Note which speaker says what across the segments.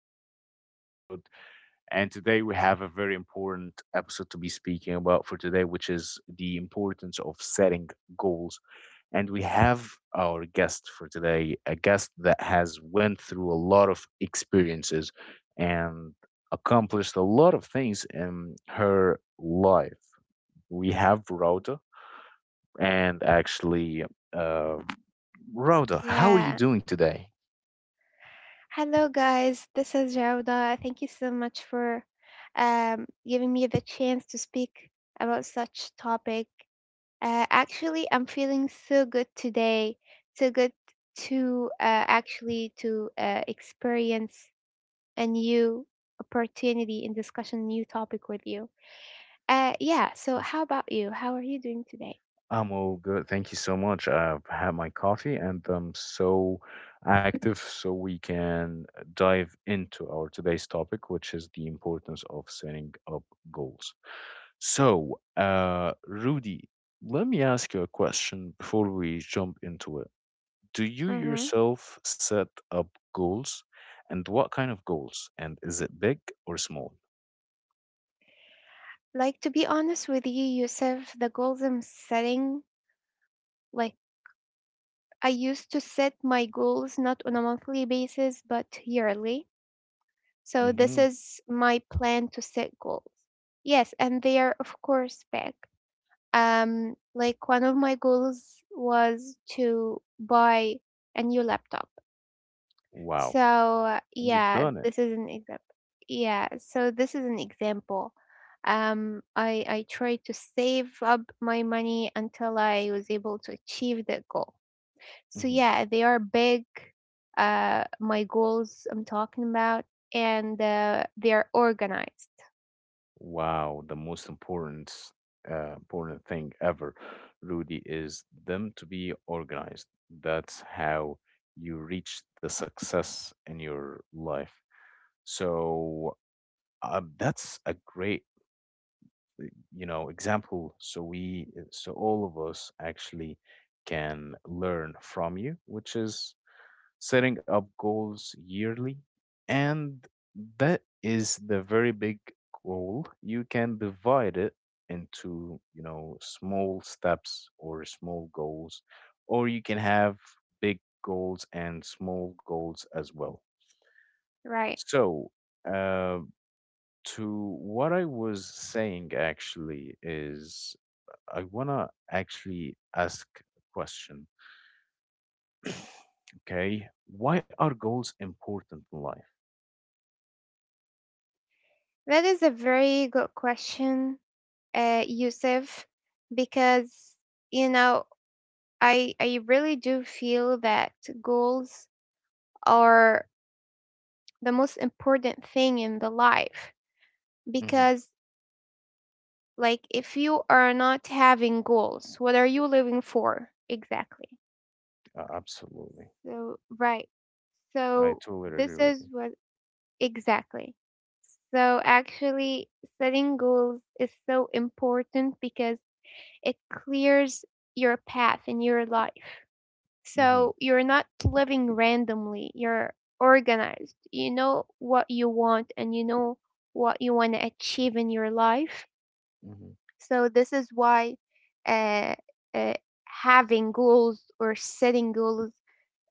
Speaker 1: our today's episode. And today we have a very important episode to be speaking about for today, which is the importance of setting goals. And we have our guest for today, a guest that has went through a lot of experiences and accomplished a lot of things in her life. We have Rhoda, and actually, uh, Rhoda, how are you
Speaker 2: Yeah.
Speaker 1: doing today?
Speaker 2: Hello, guys. This is Jauda. Thank you so much for giving me the chance to speak about such topic. Actually, I'm feeling so good today. So good to actually to experience a new opportunity and discussion new topic with you. Yeah. So, how about you? How are you doing today?
Speaker 1: I'm all good. Thank you so much. I've had my coffee and I'm so active, so we can dive into our today's topic, which is the importance of setting up goals. So, Rudy, let me ask you a question before we jump into it. Do you
Speaker 2: Mm-hmm.
Speaker 1: yourself set up goals, and what kind of goals? And is it big or small?
Speaker 2: Like, to be honest with you, Yusuf, the goals I'm setting, like, I used to set my goals not on a monthly basis, but yearly. So this
Speaker 1: Mm-hmm.
Speaker 2: is my plan to set goals. Yes, and they are of course big. Like, one of my goals was to buy a new laptop.
Speaker 1: Wow,
Speaker 2: So
Speaker 1: and you've
Speaker 2: yeah,
Speaker 1: done it.
Speaker 2: this is an example. Yeah, so this is an example. I tried to save up my money until I was able to achieve that goal. So
Speaker 1: Mm-hmm.
Speaker 2: yeah, they are big. My goals I'm talking about, and they are organized,
Speaker 1: Wow, the most important thing ever, Rudy, is them to be organized. That's how you reach the success in your life. So that's a great, example. So all of us actually can learn from you, which is setting up goals yearly, and that is the very big goal. You can divide it into small steps or small goals, or you can have big goals and small goals as well.
Speaker 2: right?
Speaker 1: So, uh, to what I was saying actually is I want to actually ask a question. Okay, why are goals important in life?
Speaker 2: That is a very good question, Yusuf, because you know, I really do feel that goals are the most important thing in the life,
Speaker 1: Mm-hmm.
Speaker 2: because like, if you are not having goals, what are you living for exactly?
Speaker 1: Absolutely.
Speaker 2: So right.
Speaker 1: I
Speaker 2: So
Speaker 1: totally agree
Speaker 2: this
Speaker 1: with you.
Speaker 2: is what. Exactly. So actually, setting goals is so important because it clears your path in your life.
Speaker 1: Mm-hmm.
Speaker 2: So you're not living randomly, you're organized. You know what you want and you know what you want to achieve in your life.
Speaker 1: Mm-hmm.
Speaker 2: So this is why uh, uh, having goals or setting goals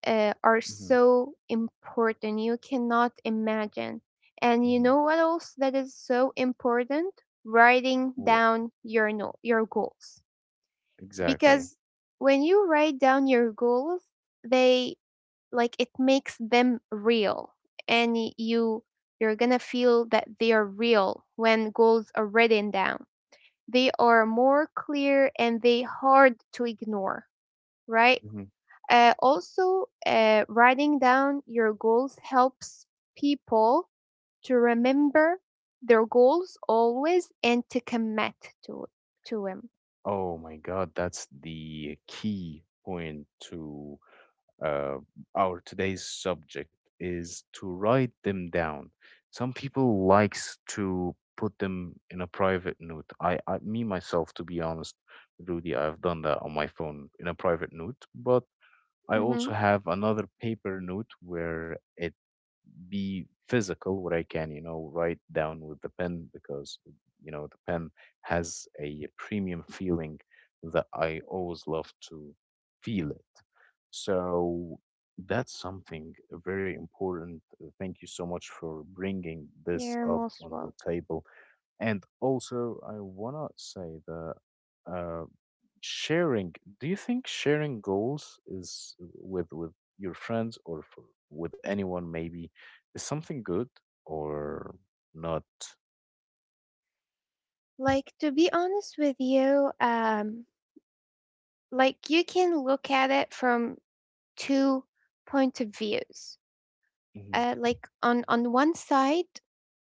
Speaker 2: are
Speaker 1: Mm-hmm.
Speaker 2: so important. You cannot imagine. And you
Speaker 1: Mm-hmm.
Speaker 2: know what else that is so important? Writing
Speaker 1: What
Speaker 2: down your your goals.
Speaker 1: exactly?
Speaker 2: Because when you write down your goals, they, like, it makes them real, and you, you're going to feel that they are real when goals are written down. They are more clear and they hard to ignore, right?
Speaker 1: Mm-hmm.
Speaker 2: Also, writing down your goals helps people to remember their goals always and to commit to them.
Speaker 1: Oh my God, that's the key point to uh, our today's subject is to write them down. Some people likes to put them in a private note. Me myself, to be honest, Rudy, I've done that on my phone in a private note, but I
Speaker 2: Mm-hmm.
Speaker 1: also have another paper note where it be physical where I can write down with the pen because the pen has a premium feeling that I always love to feel it. So that's something very important. Thank you so much for bringing this
Speaker 2: You're
Speaker 1: up
Speaker 2: most
Speaker 1: on the
Speaker 2: welcome.
Speaker 1: table. And also, I want to say that. Uh, sharing Do you think sharing goals is with your friends or with anyone maybe is something good or not?
Speaker 2: Like, to be honest with you, like, you can look at it from two point of views.
Speaker 1: Hmm.
Speaker 2: Like, on one side,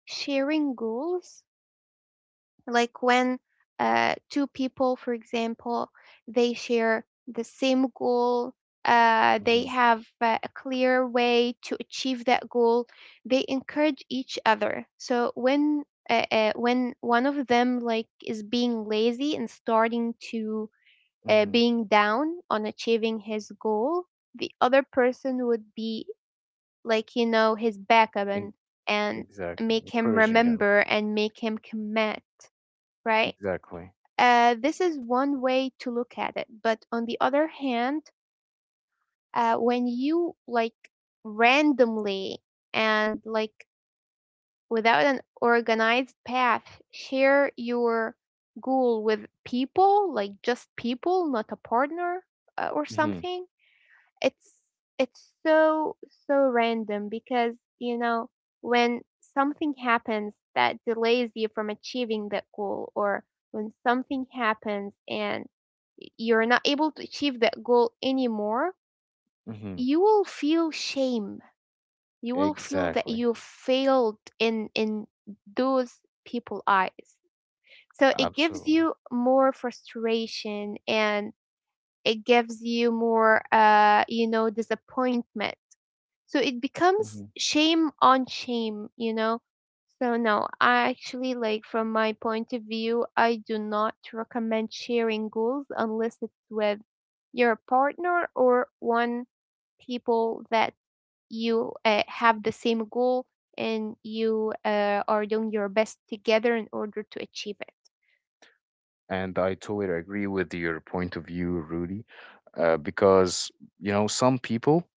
Speaker 2: sharing goals, like when two people, for example, they share the same goal, they
Speaker 1: Hmm.
Speaker 2: have a clear way to achieve that goal, they encourage each other, so when one of them, like, is being lazy and starting to
Speaker 1: Hmm.
Speaker 2: being down on achieving his goal, the other person would be, like, you know, his backup,
Speaker 1: In-
Speaker 2: and and
Speaker 1: exactly,
Speaker 2: make him
Speaker 1: encouraging them.
Speaker 2: remember and make him commit, right?
Speaker 1: Exactly.
Speaker 2: This is one way to look at it. But on the other hand, when you, like, randomly and, like, without an organized path, share your goal with people, like just people, not a partner or
Speaker 1: Hmm.
Speaker 2: something, it's it's so random because, you know, when something happens that delays you from achieving that goal, or when something happens and you're not able to achieve that goal anymore,
Speaker 1: Hmm.
Speaker 2: you will feel shame. You will feel that
Speaker 1: Exactly.
Speaker 2: you failed in those people eyes. So it gives
Speaker 1: Absolutely.
Speaker 2: you more frustration, and it gives you more, you know, disappointment, so it
Speaker 1: Hmm.
Speaker 2: becomes shame on shame, you know? So no, I actually, like, from my point of view, I do not recommend sharing goals unless it's with your partner or one people that you have the same goal and you are doing your best together in order to achieve it.
Speaker 1: And I totally agree with your point of view, Rudy, because you know some people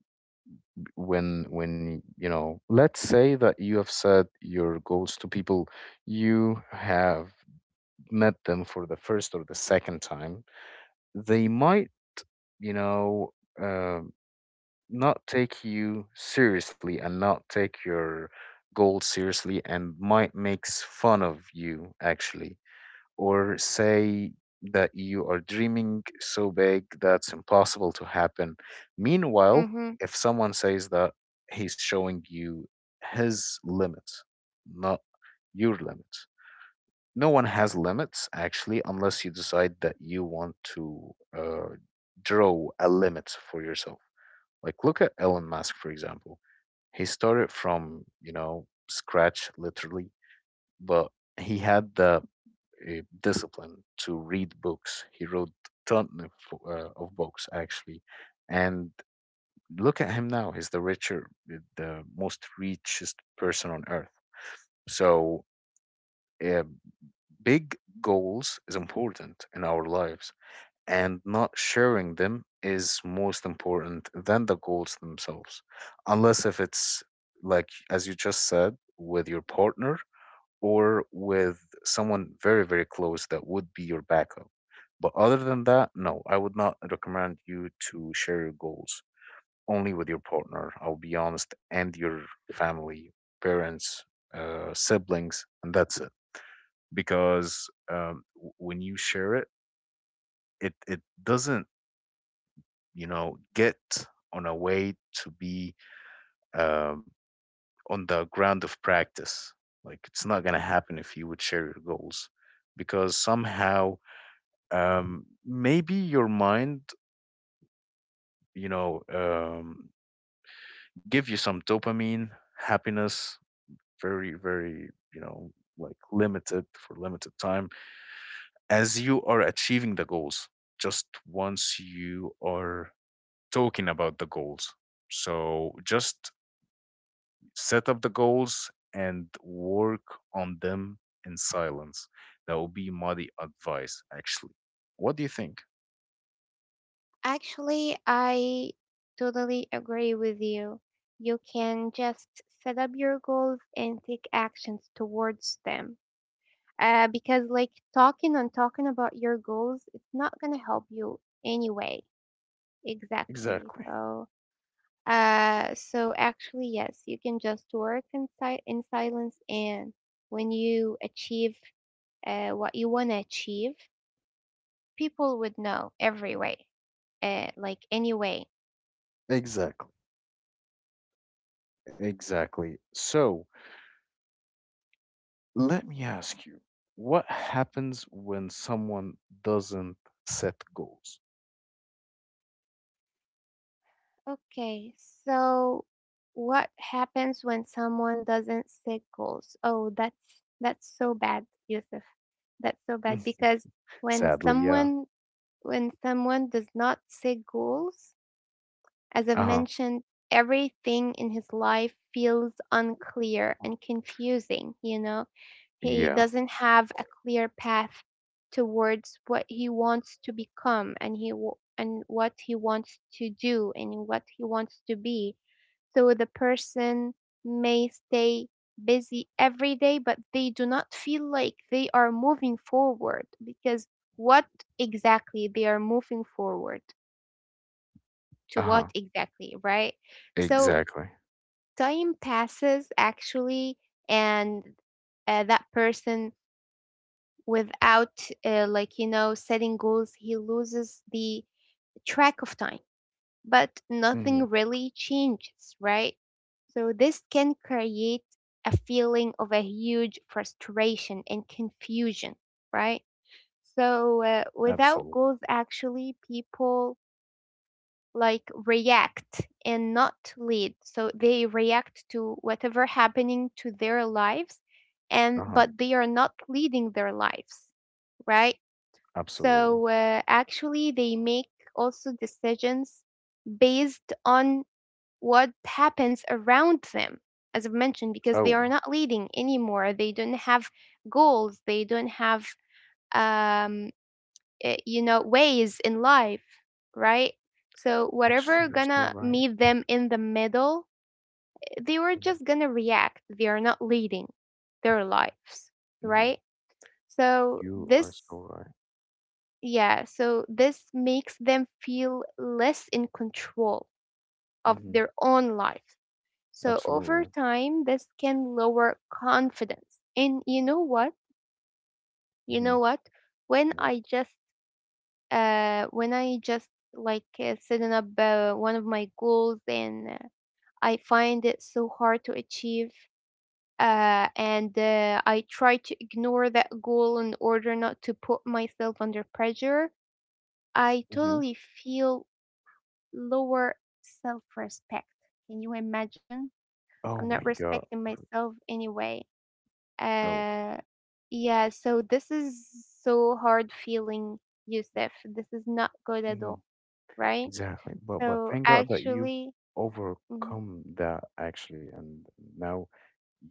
Speaker 1: when let's say that you have said your goals to people you have met them for the first or the second time, they might you know uh, not take you seriously and not take your goals seriously and might makes fun of you actually, or say that you are dreaming so big that's impossible to happen. Meanwhile,
Speaker 2: Hmm.
Speaker 1: if someone says that, he's showing you his limits, not your limits. No one has limits actually, unless you decide that you want to uh, draw a limit for yourself. Like look at Elon Musk, for example. He started from scratch literally, but he had the discipline to read books. He wrote ton of books actually, and look at him now. He's the the most richest person on earth. So uh, big goals is important in our lives, and not sharing them is most important than the goals themselves, unless if it's like as you just said with your partner or with someone very, very close that would be your backup. But other than that, no, I would not recommend you to share your goals only with your partner, I'll be honest, and your family, parents, siblings, and that's it. Because when you share it doesn't, get on a way to be um on the ground of practice. Like, it's not going to happen if you would share your goals because somehow maybe your mind, you know, um, give you some dopamine, happiness, very, very, like limited for limited time as you are achieving the goals, just once you are talking about the goals. So just set up the goals and work on them in silence. That will be my advice, actually. What do you think?
Speaker 2: Actually, I totally agree with you. You can just set up your goals and take actions towards them. Because, like, talking and talking about your goals, it's not going to help you anyway. Exactly.
Speaker 1: Exactly.
Speaker 2: So, so actually, yes, you can just work in, in silence. And when you achieve what you want to achieve, people would know every way, like, anyway.
Speaker 1: Exactly. Exactly. So let me ask you, what happens when someone doesn't set goals?
Speaker 2: Okay, so what happens when someone doesn't set goals? Oh, that's so bad, Yusuf. That's so bad because when
Speaker 1: Sadly, yeah.
Speaker 2: someone when someone does not set goals, as I've
Speaker 1: Uh-huh.
Speaker 2: mentioned, everything in his life feels unclear and confusing, you know. He
Speaker 1: Yeah.
Speaker 2: doesn't have a clear path towards what he wants to become, and he and what he wants to do and what he wants to be. So the person may stay busy every day, but they do not feel like they are moving forward, because what exactly they are moving forward to,
Speaker 1: Uh-huh.
Speaker 2: what exactly, right? So
Speaker 1: Exactly.
Speaker 2: time passes actually, and that person, without, like, you know, setting goals, he loses the track of time but
Speaker 1: Hmm.
Speaker 2: nothing really changes, right? So this can create a feeling of a huge frustration and confusion, right? So without
Speaker 1: Absolutely.
Speaker 2: goals, actually, people like react and not lead. So they react to whatever happening to their lives, and
Speaker 1: Uh-huh.
Speaker 2: but they are not leading their lives, right?
Speaker 1: Absolutely.
Speaker 2: So actually, they make also decisions based on what happens around them, as I've mentioned,
Speaker 1: Oh,
Speaker 2: because they
Speaker 1: wow.
Speaker 2: are not leading anymore, they don't have goals, they don't have um you know, ways in life, right? So
Speaker 1: Actually,
Speaker 2: whatever
Speaker 1: you're so
Speaker 2: gonna
Speaker 1: right.
Speaker 2: meet them in the middle, they were
Speaker 1: Mm-hmm.
Speaker 2: just gonna react, they are not leading their lives,
Speaker 1: Mm-hmm.
Speaker 2: right? So
Speaker 1: You are so
Speaker 2: this,
Speaker 1: right.
Speaker 2: yeah, so this makes them feel less in control of
Speaker 1: Hmm.
Speaker 2: their own lives. So
Speaker 1: Absolutely.
Speaker 2: over time, this can lower confidence. And you know what? You
Speaker 1: Hmm.
Speaker 2: know what? When I
Speaker 1: What?
Speaker 2: just when I just, like, setting up one of my goals, and I find it so hard to achieve, and I try to ignore that goal in order not to put myself under pressure, I
Speaker 1: Hmm.
Speaker 2: totally feel lower self-respect. Can you imagine?
Speaker 1: Oh
Speaker 2: I'm not
Speaker 1: my God.
Speaker 2: respecting myself anyway.
Speaker 1: Oh.
Speaker 2: Uh, yeah, so this is so hard feeling, Yusuf. This is not good at
Speaker 1: Mhm.
Speaker 2: all, right?
Speaker 1: Exactly. But
Speaker 2: So
Speaker 1: thank God that you've
Speaker 2: actually, mhm,
Speaker 1: overcome that actually, and now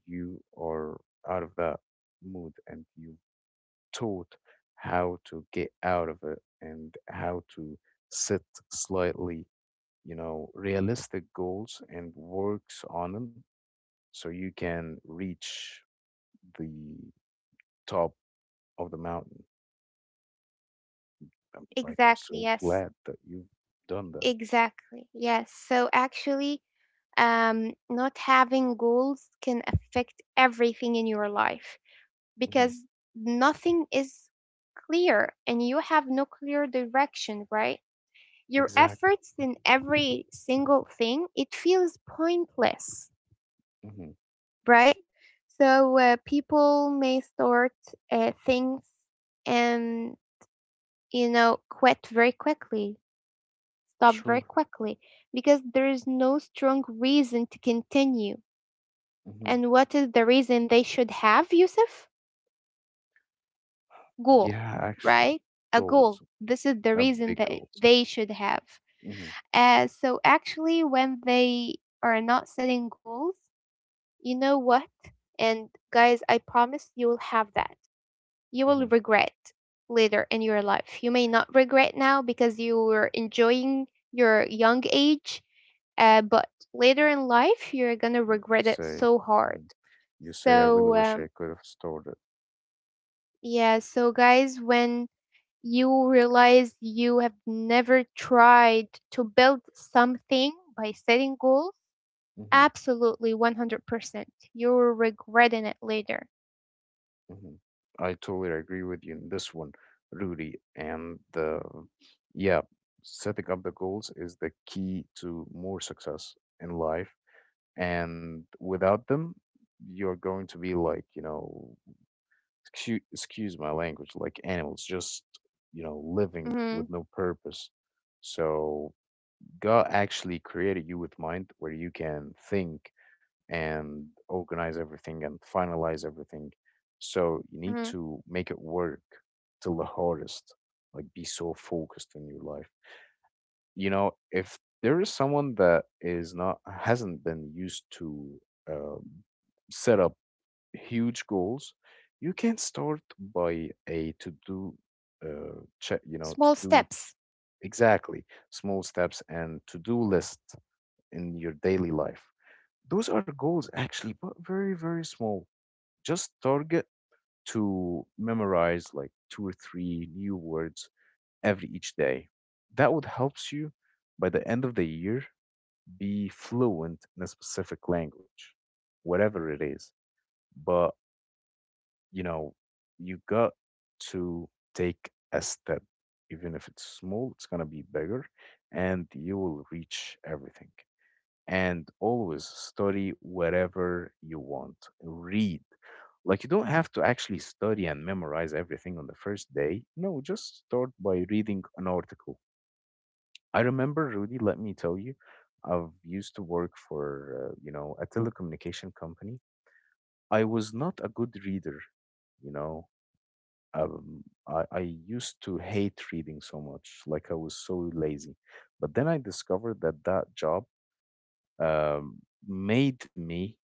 Speaker 1: you are out of that mood and you've taught how to get out of it and how to set slightly, realistic goals and works on them so you can reach the top of the mountain. Like, I'm
Speaker 2: exactly,
Speaker 1: so
Speaker 2: yes,
Speaker 1: glad that you've done that.
Speaker 2: exactly, yes. So actually, not having goals can affect everything in your life,
Speaker 1: Hmm.
Speaker 2: because nothing is clear and you have no clear direction, right? Your
Speaker 1: Exactly.
Speaker 2: efforts in every single thing, it feels pointless,
Speaker 1: Hmm.
Speaker 2: right? So people may start things, and you know, quit very quickly, stop very
Speaker 1: Sure.
Speaker 2: quickly, because there is no strong reason to continue.
Speaker 1: Mm-hmm.
Speaker 2: And what is the reason they should have, Yusuf? Goal,
Speaker 1: Yeah, actually,
Speaker 2: right? A
Speaker 1: goals,
Speaker 2: goal. This is the reason
Speaker 1: big
Speaker 2: that
Speaker 1: goals.
Speaker 2: they should have.
Speaker 1: Mm-hmm,
Speaker 2: So actually, when they are not setting goals, you know what? And guys, I promise you will have that, you will
Speaker 1: mm-hmm.
Speaker 2: regret later in your life. You may not regret now because you were enjoying your young age, but later in life, you're gonna
Speaker 1: You
Speaker 2: regret it
Speaker 1: say,
Speaker 2: so hard.
Speaker 1: mhm. I
Speaker 2: So,
Speaker 1: really wish I could have stored it.
Speaker 2: yeah, so guys, when you realize you have never tried to build something by setting goals,
Speaker 1: Mm-hmm,
Speaker 2: absolutely 100%. You're regretting it later.
Speaker 1: mm-hmm. I totally agree with you in this one, Rudy. And yeah, setting up the goals is the key to more success in life. And without them, you're going to be like, excuse my language, like animals just, living
Speaker 2: Mm-hmm,
Speaker 1: with no purpose. So God actually created you with mind where you can think and organize everything and finalize everything. So you need
Speaker 2: mm-hmm.
Speaker 1: to make it work till the hardest, like be so focused in your life. You know, if there is someone that is not hasn't been used to uh, set huge goals, you can start by a to do, check, to
Speaker 2: Small
Speaker 1: do.
Speaker 2: steps.
Speaker 1: Exactly. Small steps and to do list in your daily life. Those are goals actually, but very, very small. Just target to memorize like two or three new words every each day. That would helps you by the end of the year be fluent in a specific language, whatever it is. But you know, you got to take a step. Even if it's small, it's going to be bigger and you will reach everything. And always study whatever you want, read. Like, you don't have to actually study and memorize everything on the first day. No, just start by reading an article. I remember, Rudy, let me tell you, I've used to work for a telecommunication company. I was not a good reader, you know I used to hate reading so much, like I was so lazy. But then I discovered that that job um, made me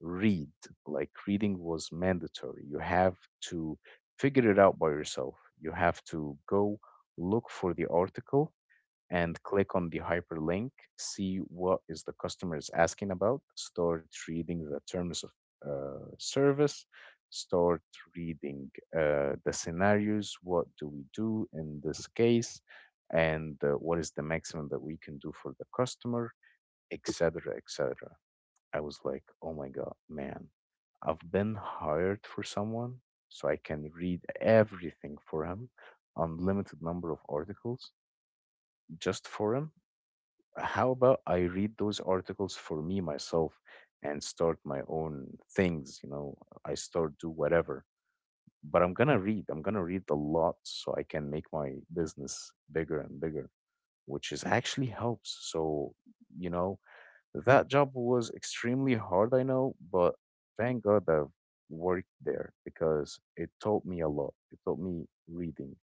Speaker 1: read. Like reading was mandatory. You have to figure it out by yourself. You have to go look for the article and click on the hyperlink, see what is the customer is asking about, start reading the terms of service, start reading the scenarios, what do we do in this case, and what is the maximum that we can do for the customer, etc., etc. I was like, oh my God, man, I've been hired for someone, so I can read everything for him, unlimited number of articles just for him. How about I read those articles for me myself and start my own things? You know, I start do whatever. But I'm gonna read. I'm gonna read a lot so I can make my business bigger and bigger, which is actually helps. So, you know, that job was extremely hard, I know, but thank God I've worked there because it taught me a lot. It taught me reading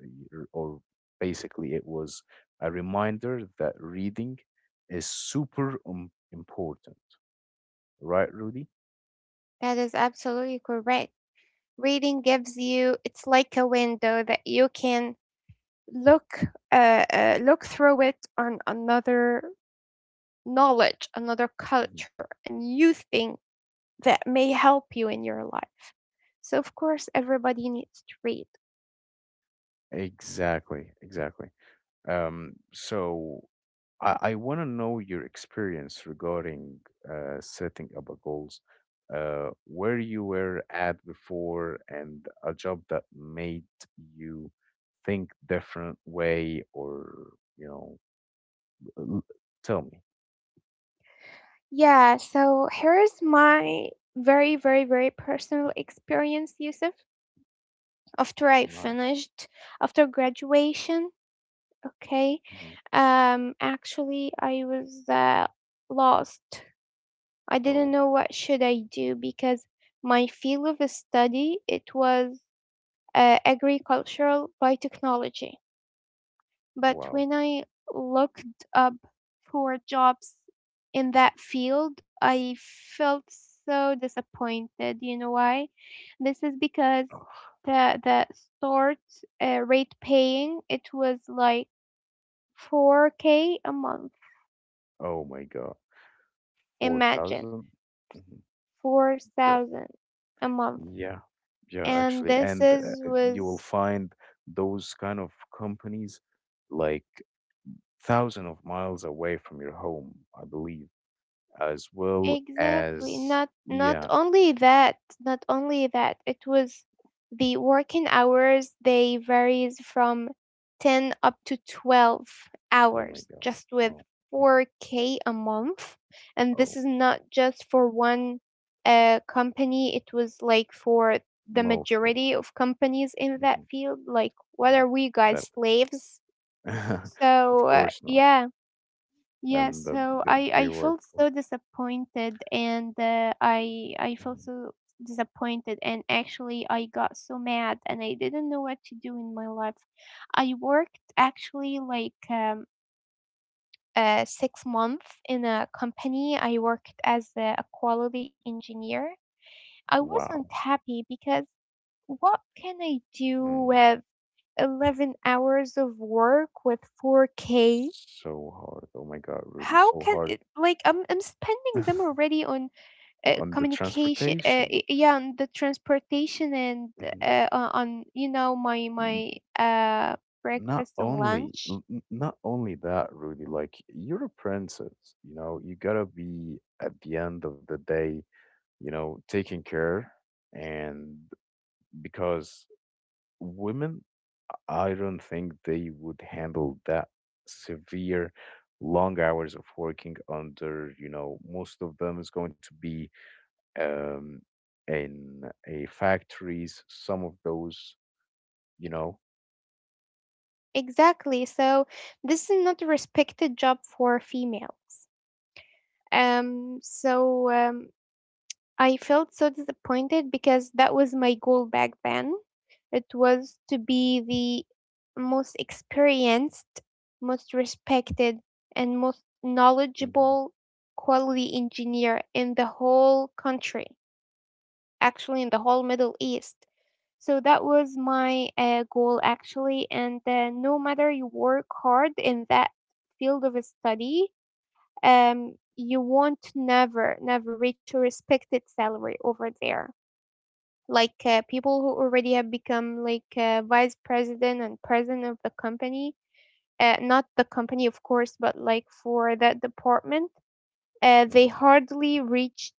Speaker 1: or basically it was a reminder that reading is super important, right, Rudy?
Speaker 2: That is absolutely correct. Reading gives you, it's like a window that you can look, look through it on another knowledge, another
Speaker 1: Hmm.
Speaker 2: culture, and you think that may help you in your life. So, of course, everybody needs to read.
Speaker 1: Exactly, exactly. So I want to know your experience regarding setting up a goals, where you were at before, and a job that made you think different way, or you know, l- tell me.
Speaker 2: Yeah, so here's my very, very, very personal experience, Yusuf, after I
Speaker 1: Nice.
Speaker 2: finished, after graduation. Okay.
Speaker 1: Hmm.
Speaker 2: Actually, I was lost. I didn't
Speaker 1: Oh.
Speaker 2: know what should I do, because my field of study, it was agricultural biotechnology. But
Speaker 1: Wow.
Speaker 2: when I looked up for jobs in that field, I felt so disappointed. You know why? This is because
Speaker 1: Ah,
Speaker 2: the start rate paying, it was like 4K a month.
Speaker 1: oh my God.
Speaker 2: Imagine
Speaker 1: 4,000? Mhm. The-
Speaker 2: 4,000 a month.
Speaker 1: Yeah. Yeah,
Speaker 2: And
Speaker 1: actually.
Speaker 2: this
Speaker 1: And
Speaker 2: is
Speaker 1: you will
Speaker 2: was
Speaker 1: find those kind of companies like thousand of miles away from your home, I believe, as well
Speaker 2: exactly.
Speaker 1: as,
Speaker 2: Not
Speaker 1: yeah.
Speaker 2: not only that, it was the working hours, they varies from 10 up to 12
Speaker 1: Oh my
Speaker 2: hours
Speaker 1: God.
Speaker 2: just with
Speaker 1: Oh, mhm.
Speaker 2: 4K a month. And this
Speaker 1: Oh,
Speaker 2: is not just for one company, it was like for the
Speaker 1: multiple.
Speaker 2: majority of companies in that
Speaker 1: Mhm.
Speaker 2: field. Like, what
Speaker 1: Yeah.
Speaker 2: are we
Speaker 1: That,
Speaker 2: guys, slaves?
Speaker 1: of
Speaker 2: So
Speaker 1: course not.
Speaker 2: yeah, yeah.
Speaker 1: And the,
Speaker 2: So
Speaker 1: the,
Speaker 2: I
Speaker 1: they
Speaker 2: I
Speaker 1: were,
Speaker 2: felt so disappointed, and I felt
Speaker 1: mhm.
Speaker 2: so disappointed, and actually I got so mad, and I didn't know what to do in my life. I worked actually, like, 6 months in a company. I worked as a quality engineer. I wasn't
Speaker 1: Wow.
Speaker 2: happy because what can I do
Speaker 1: Mm.
Speaker 2: with 11 hours of work with 4K?
Speaker 1: So hard. Oh my God, Rudy,
Speaker 2: How
Speaker 1: so
Speaker 2: can
Speaker 1: hard.
Speaker 2: it, like, I'm spending them already on
Speaker 1: On the
Speaker 2: communication,
Speaker 1: transportation.
Speaker 2: yeah, on the transportation, and
Speaker 1: Mhm.
Speaker 2: on you know, my
Speaker 1: N-
Speaker 2: uh
Speaker 1: Not
Speaker 2: breakfast and
Speaker 1: only, n-
Speaker 2: lunch.
Speaker 1: n- not only that, Rudy. Like you're a princess, you know. You gotta be at the end of the day, you know, taking care. And because women, I don't think they would handle that severe, long hours of working under. You know, most of them is going to be um, in a factories. Some of those, you know.
Speaker 2: Exactly. So this is not a respected job for females. So. I felt so disappointed because that was my goal back then. It was to be the most experienced, most respected, and most
Speaker 1: Mhm,
Speaker 2: knowledgeable quality engineer in the whole country, actually, in the whole Middle East. So that was my goal, actually. And no matter you work hard in that field of study, um, you won't never, never reach a respected salary over there like people who already have become like vice president and president of the company, not the company of course, but like for that department. They
Speaker 1: mhm.
Speaker 2: hardly reached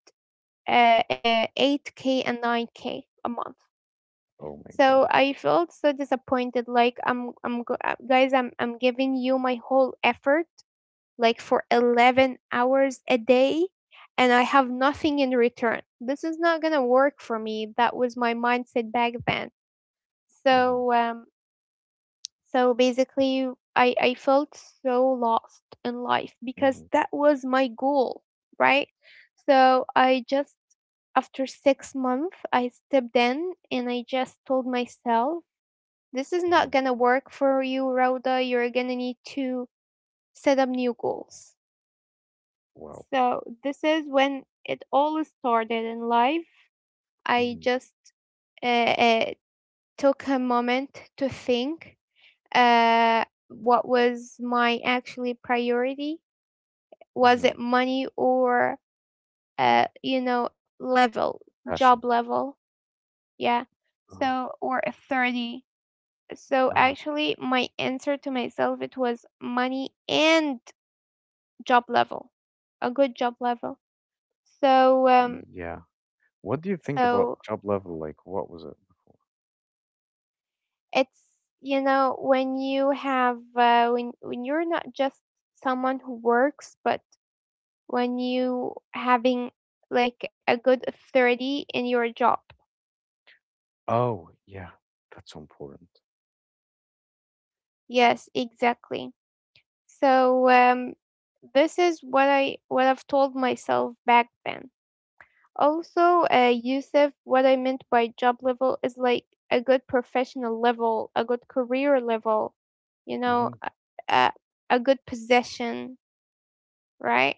Speaker 2: 8K and 9K a month.
Speaker 1: Oh my
Speaker 2: So
Speaker 1: God.
Speaker 2: I felt so disappointed. Guys, I'm giving you my whole effort like for 11 hours a day, and I have nothing in return. This is not going to work for me. That was my mindset back then.
Speaker 1: Hmm.
Speaker 2: So um, so basically, I felt so lost in life because
Speaker 1: Hmm.
Speaker 2: that was my goal, right? So I just, after 6 months, I stepped in and I just told myself, this is
Speaker 1: Hmm.
Speaker 2: not gonna work for you, Rhoda. You're gonna need to set up new goals.
Speaker 1: Wow.
Speaker 2: So this is when it all started in life. I
Speaker 1: Hmm.
Speaker 2: just uh, uh, took a moment to think, uh, what was my actually priority? Was it
Speaker 1: Hmm.
Speaker 2: money or you know, level,
Speaker 1: Passion.
Speaker 2: job level? Yeah.
Speaker 1: Uh-huh.
Speaker 2: So, or authority. So
Speaker 1: Uh-huh.
Speaker 2: actually, my answer to myself, it was money and job level, a good job level. So
Speaker 1: Yeah. What do you think about
Speaker 2: so
Speaker 1: job level? Like, what was it?
Speaker 2: it's, you know, when you have when you're not just someone who works, but when you having like a good authority in your job.
Speaker 1: Oh, yeah. That's so important.
Speaker 2: Yes, exactly. So this is what I've told myself back then. Also, Yusuf, what I meant by job level is like a good professional level, a good career level, you know,
Speaker 1: Hmm.
Speaker 2: a, a good position, right?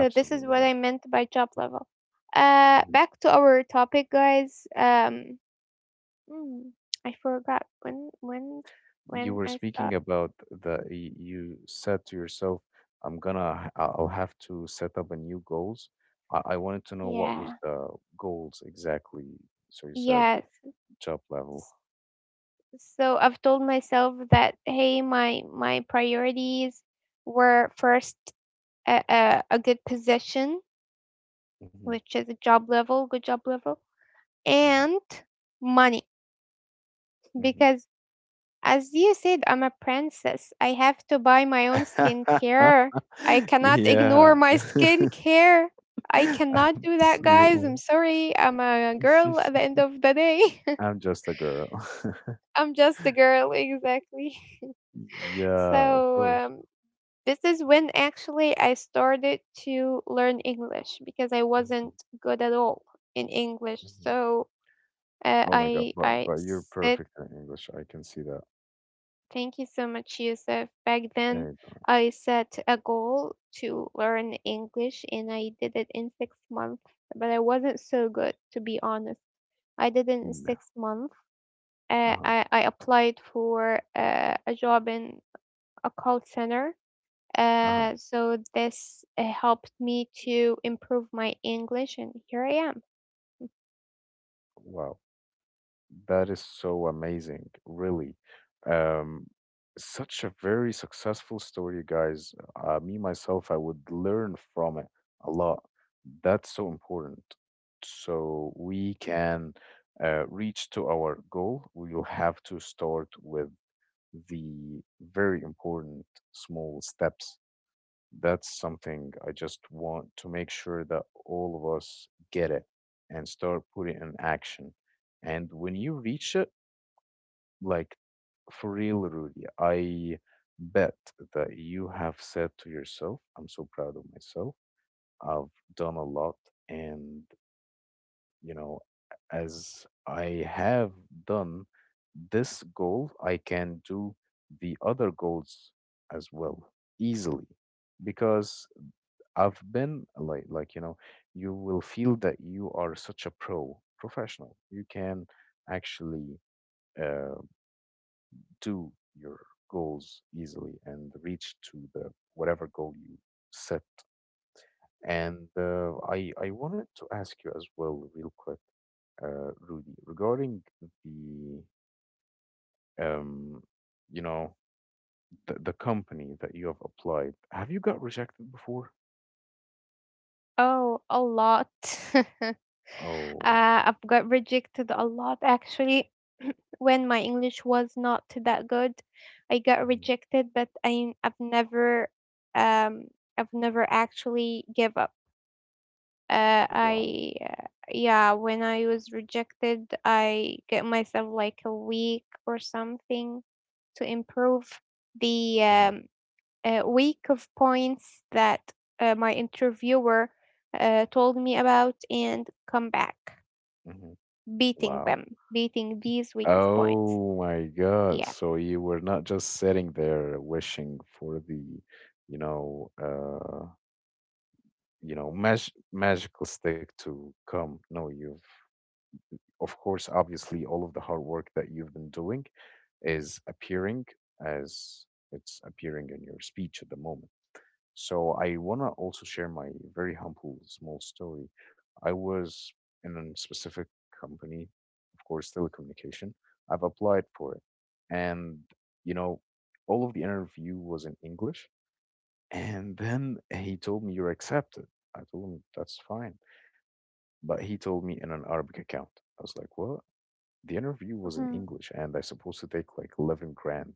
Speaker 2: So this is what
Speaker 1: right.
Speaker 2: I meant by job level.
Speaker 1: Mm-hmm.
Speaker 2: Back to our topic, guys. Mm, I forgot when when
Speaker 1: you
Speaker 2: when
Speaker 1: were
Speaker 2: I
Speaker 1: speaking
Speaker 2: start.
Speaker 1: about you said to yourself, I'm gonna h- I- I'll have to set up a new goals. I wanted to know what was
Speaker 2: Yeah.
Speaker 1: the goals exactly. So you said
Speaker 2: Yes.
Speaker 1: job level.
Speaker 2: S- So I've told myself that hey, my priorities were first a good position,
Speaker 1: Hmm.
Speaker 2: which is a job level, good job level,
Speaker 1: Hmm.
Speaker 2: and money.
Speaker 1: Hmm.
Speaker 2: Because as you said, I'm a princess. I have to buy my own skincare. I cannot ignore
Speaker 1: Yeah.
Speaker 2: my skincare. I cannot do that, guys.
Speaker 1: Absolutely.
Speaker 2: I'm sorry. I'm a girl at the end of the day.
Speaker 1: I'm just a girl.
Speaker 2: I'm just a girl, exactly.
Speaker 1: Yeah, of
Speaker 2: So,
Speaker 1: course.
Speaker 2: this is when actually I started to learn English because I
Speaker 1: Hmm.
Speaker 2: wasn't good at all in English.
Speaker 1: Hmm.
Speaker 2: So,
Speaker 1: Oh my God,
Speaker 2: I
Speaker 1: but
Speaker 2: I
Speaker 1: but you're
Speaker 2: sit.
Speaker 1: perfect in English. I can see that
Speaker 2: Thank you so much, Yusuf. Back then,
Speaker 1: anytime.
Speaker 2: I set a goal to learn English and I did it in 6 months, but I wasn't so good, to be honest. I did it in
Speaker 1: No.
Speaker 2: 6 months. Uh,
Speaker 1: Uh-huh.
Speaker 2: I, I applied for a job in a call center.
Speaker 1: Uh-huh.
Speaker 2: So this helped me to improve my English, and here I am.
Speaker 1: Wow, that is so amazing, really. Um, such a very successful story, guys. Me myself, I would learn from it a lot. That's so important. So we can reach to our goal. We'll have to start with the very important small steps. That's something I just want to make sure that all of us get it and start putting in action. And when you reach it, like, for real, Rudy, I bet that you have said to yourself, I'm so proud of myself. I've done a lot. And, you know, as I have done this goal, I can do the other goals as well easily because I've been like, you know, you will feel that you are such a professional. You can actually uh, do your goals easily and reach to the whatever goal you set. And I wanted to ask you as well, real quick, Rudy, regarding the um, you know, the company that you have applied. Have you got rejected before?
Speaker 2: Oh, a lot.
Speaker 1: Oh.
Speaker 2: I've got rejected a lot actually. When my English was not that good, I got
Speaker 1: Mhm.
Speaker 2: rejected, but I've never um I've never actually give up.
Speaker 1: Wow.
Speaker 2: I yeah, when I was rejected, I get myself like a week or something to improve the
Speaker 1: Hmm.
Speaker 2: week of points that my interviewer told me about and come back
Speaker 1: Hmm.
Speaker 2: beating
Speaker 1: Wow.
Speaker 2: them, beating these week of points.
Speaker 1: Oh my God.
Speaker 2: Yeah.
Speaker 1: So you were not just sitting there wishing for the, you know, uh, you know, magical stick to come. No, you've, of course, obviously, all of the hard work that you've been doing is appearing as it's appearing in your speech at the moment. So I want to also share my very humble small story. I was in a specific company, of course, telecommunication. I've applied for it. And, you know, all of the interview was in English. And then he told me, "You're accepted." I told him, "That's fine." But he told me in an Arabic account. I was like, "What?" The interview was in
Speaker 2: Hmm.
Speaker 1: English and I supposed to take like 11 grand.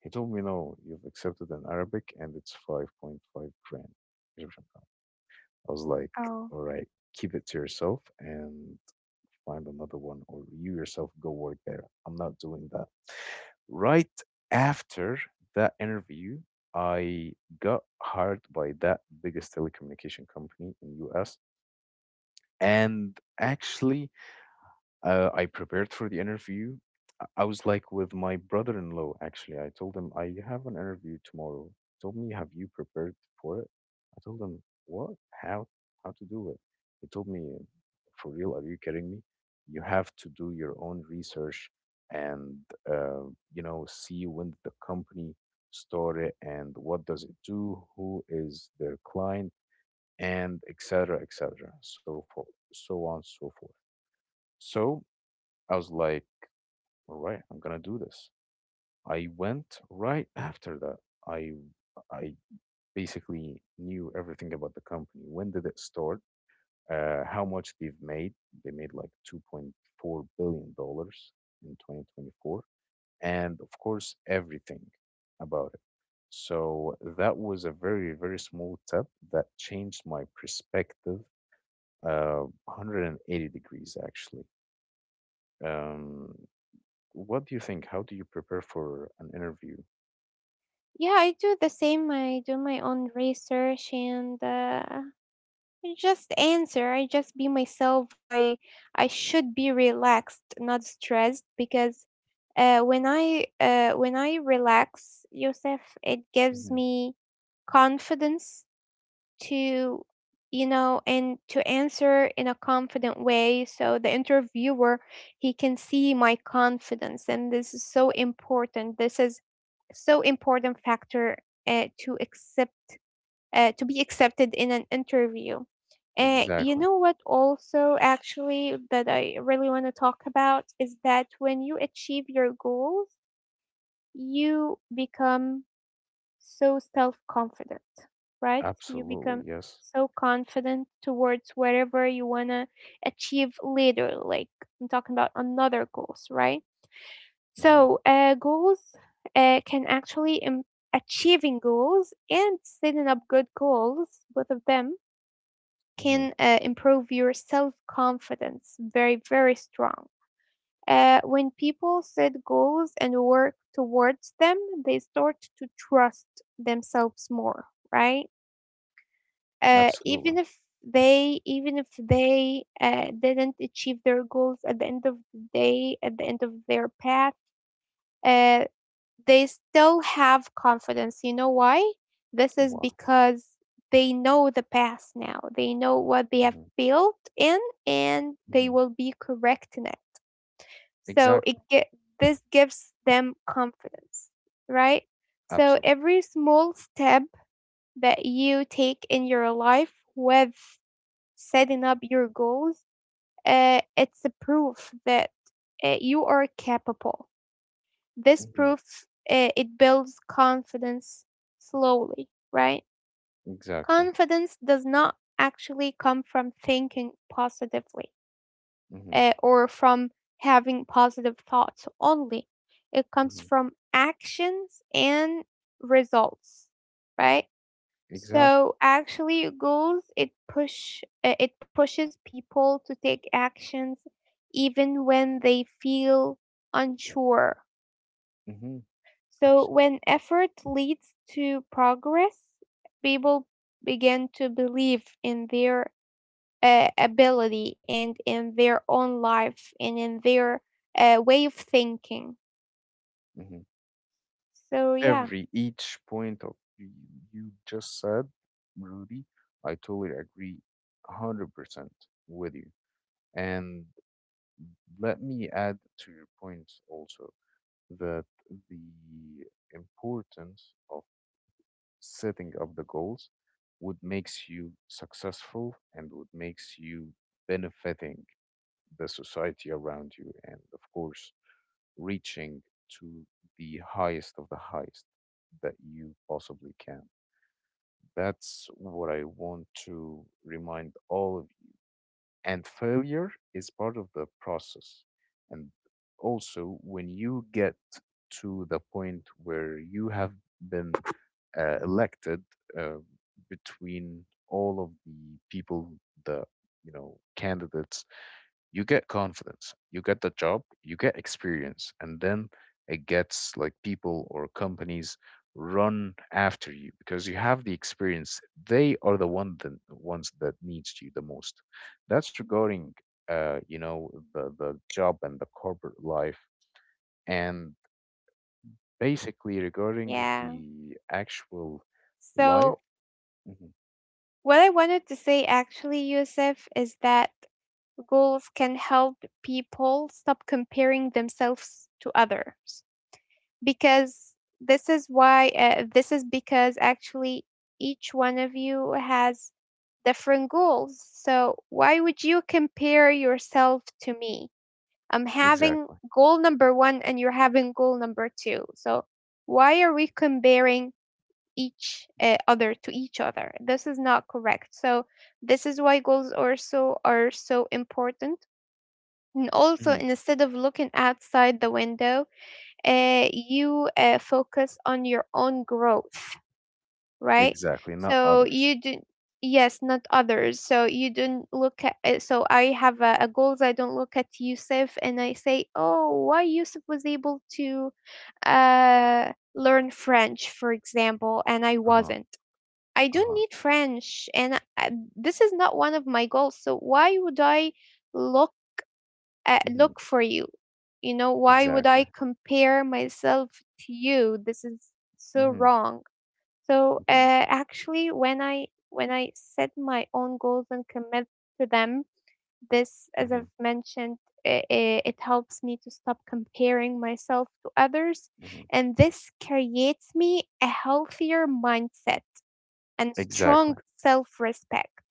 Speaker 1: He told me, "No, you've accepted in Arabic and it's 5.5 grand. Egyptian." I was like,
Speaker 2: Oh.
Speaker 1: all right, keep it to yourself and find another one, or you yourself go work there. I'm not doing that. Right after that interview, I got hired by that biggest telecommunication company in US. And actually, I prepared for the interview. I was like with my brother-in-law, actually. I told him, "I have an interview tomorrow." He told me, "Have you prepared for it?" I told him, what? How? How to do it? He told me, for real, are you kidding me? You have to do your own research and, uh, you know, see when the company started and what does it do, who is their client, and etc. etc. So forth, so on, so forth. So I was like, all right, I'm gonna do this. I went right after that. I I basically knew everything about the company. When did it start? How much they've made? They made like $2.4 billion in 2024, and of course everything about it. So that was a very very small step that changed my perspective 180 degrees actually. Um, what do you think? How do you prepare for an interview?
Speaker 2: Yeah, I do the same. I do my own research, and I just answer. I just be myself. I should be relaxed, not stressed, because when I relax, Yosef, it gives
Speaker 1: Mm-hmm.
Speaker 2: me confidence to, you know, and to answer in a confident way, so the interviewer, he can see my confidence, and this is so important. This is so important factor uh, to accept to be accepted in an interview. And you
Speaker 1: Exactly.
Speaker 2: know what, also, actually, that I really want to talk about is that when you achieve your goals, you become so self confident, right? You
Speaker 1: Absolutely.
Speaker 2: become
Speaker 1: Yes.
Speaker 2: so confident towards whatever you want to achieve later. Like, I'm talking about another goals, right?
Speaker 1: Hmm.
Speaker 2: So, goals can actually, achieving goals and setting up good goals, both of them
Speaker 1: Hmm.
Speaker 2: can improve your self confidence very, very strong. When people set goals and work towards them, they start to trust themselves more, right? Uh,
Speaker 1: Absolutely.
Speaker 2: even if even if they didn't achieve their goals at the end of the day, at the end of their path, uh, they still have confidence. You know why? This is
Speaker 1: Why?
Speaker 2: because they know the past now. They know what they have
Speaker 1: Hmm.
Speaker 2: failed in, and
Speaker 1: Hmm.
Speaker 2: they will be correct in it. So it
Speaker 1: Exactly.
Speaker 2: get This gives them confidence, right? So
Speaker 1: Absolutely.
Speaker 2: every small step that you take in your life with setting up your goals, it's a proof that you are capable. this
Speaker 1: Hmm.
Speaker 2: proof uh, it builds confidence slowly, right?
Speaker 1: Exactly.
Speaker 2: Confidence does not actually come from thinking positively,
Speaker 1: Hmm.
Speaker 2: or from having positive thoughts only. It comes
Speaker 1: Hmm.
Speaker 2: from actions and results, right?
Speaker 1: Exactly.
Speaker 2: So actually, goals it pushes people to take actions even when they feel unsure.
Speaker 1: Hmm.
Speaker 2: So
Speaker 1: Absolutely.
Speaker 2: when effort leads to progress, people begin to believe in their ability and in their own life and in their way of thinking.
Speaker 1: Hmm.
Speaker 2: So yeah,
Speaker 1: Every each point of y- you just said, Rudy, I totally agree, 100% with you. And let me add to your points also that the importance of setting up the goals would makes you successful and would makes you benefiting the society around you and of course reaching to the highest of the highest that you possibly can. That's what I want to remind all of you. And failure is part of the process. And also when you get to the point where you have been elected uh, between all of the people, the, you know, candidates, you get confidence, you get the job, you get experience, and then it gets like people or companies run after you because you have the experience. They are the ones that needs you the most. That's regarding you know the job and the corporate life and basically regarding
Speaker 2: yeah.
Speaker 1: the actual life.
Speaker 2: So
Speaker 1: Mm-hmm.
Speaker 2: what I wanted to say actually, Yusuf, is that goals can help people stop comparing themselves to others. Because this is because actually each one of you has different goals. So why would you compare yourself to me? I'm having
Speaker 1: Exactly.
Speaker 2: goal number 1 and you're having goal number 2. So why are we comparing each other to each other? This is not correct. So this is why goals also are so important. And also,
Speaker 1: Mhm.
Speaker 2: instead of looking outside the window, you focus on your own growth, right?
Speaker 1: Exactly, not
Speaker 2: So
Speaker 1: others.
Speaker 2: you do, yes, not others. So you don't look at. So I have a goals. I don't look at Yusuf and I say, oh, why Yusuf was able to learn French, for example, and I
Speaker 1: Uh-huh.
Speaker 2: wasn't. I don't
Speaker 1: Uh-huh.
Speaker 2: need French, and I, this is not one of my goals. So why would I look,
Speaker 1: Mhm.
Speaker 2: look for you? You know, why would
Speaker 1: Exactly.
Speaker 2: I compare myself to you? This is so
Speaker 1: Mhm.
Speaker 2: wrong. So
Speaker 1: Mhm.
Speaker 2: actually, when I set my own goals and commit to them, this, as
Speaker 1: Mhm.
Speaker 2: I've mentioned, it helps me to stop comparing myself to others,
Speaker 1: Mhm.
Speaker 2: and this creates me a healthier mindset and
Speaker 1: Exactly.
Speaker 2: strong self respect.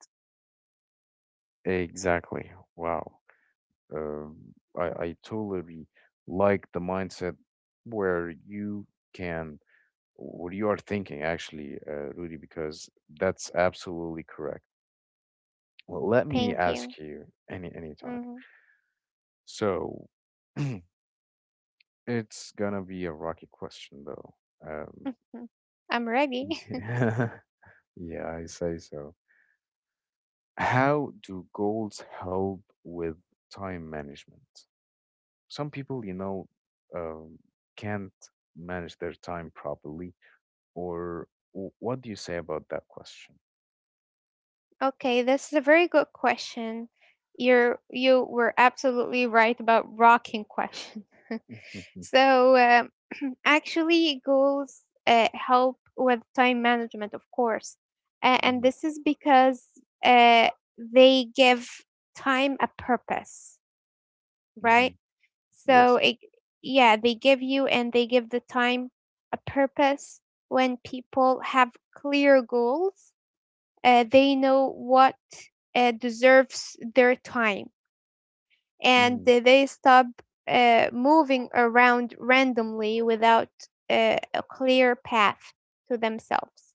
Speaker 1: Exactly. Wow. Um, I totally like the mindset where you can what you are thinking actually, Rudy, because that's absolutely correct. Well, let me
Speaker 2: Thank you.
Speaker 1: ask you any time.
Speaker 2: Mhm.
Speaker 1: So, it's gonna be a rocky question though. Um,
Speaker 2: Mm. I'm ready.
Speaker 1: Yeah, I say so. How do goals help with time management? Some people, you know, um, can't manage their time properly, or what do you say about that question?
Speaker 2: Okay, this is a very good question. You were absolutely right about rocking question.
Speaker 1: Mm-hmm.
Speaker 2: So actually, goals help with time management, of course, and
Speaker 1: Hmm.
Speaker 2: this is because uh, they give time a purpose, right?
Speaker 1: Hmm.
Speaker 2: So
Speaker 1: Yes.
Speaker 2: it, yeah, they give you and they give the time a purpose. When people have clear goals, they know what deserves their time, and
Speaker 1: Hmm.
Speaker 2: they stop moving around randomly without a clear path to themselves.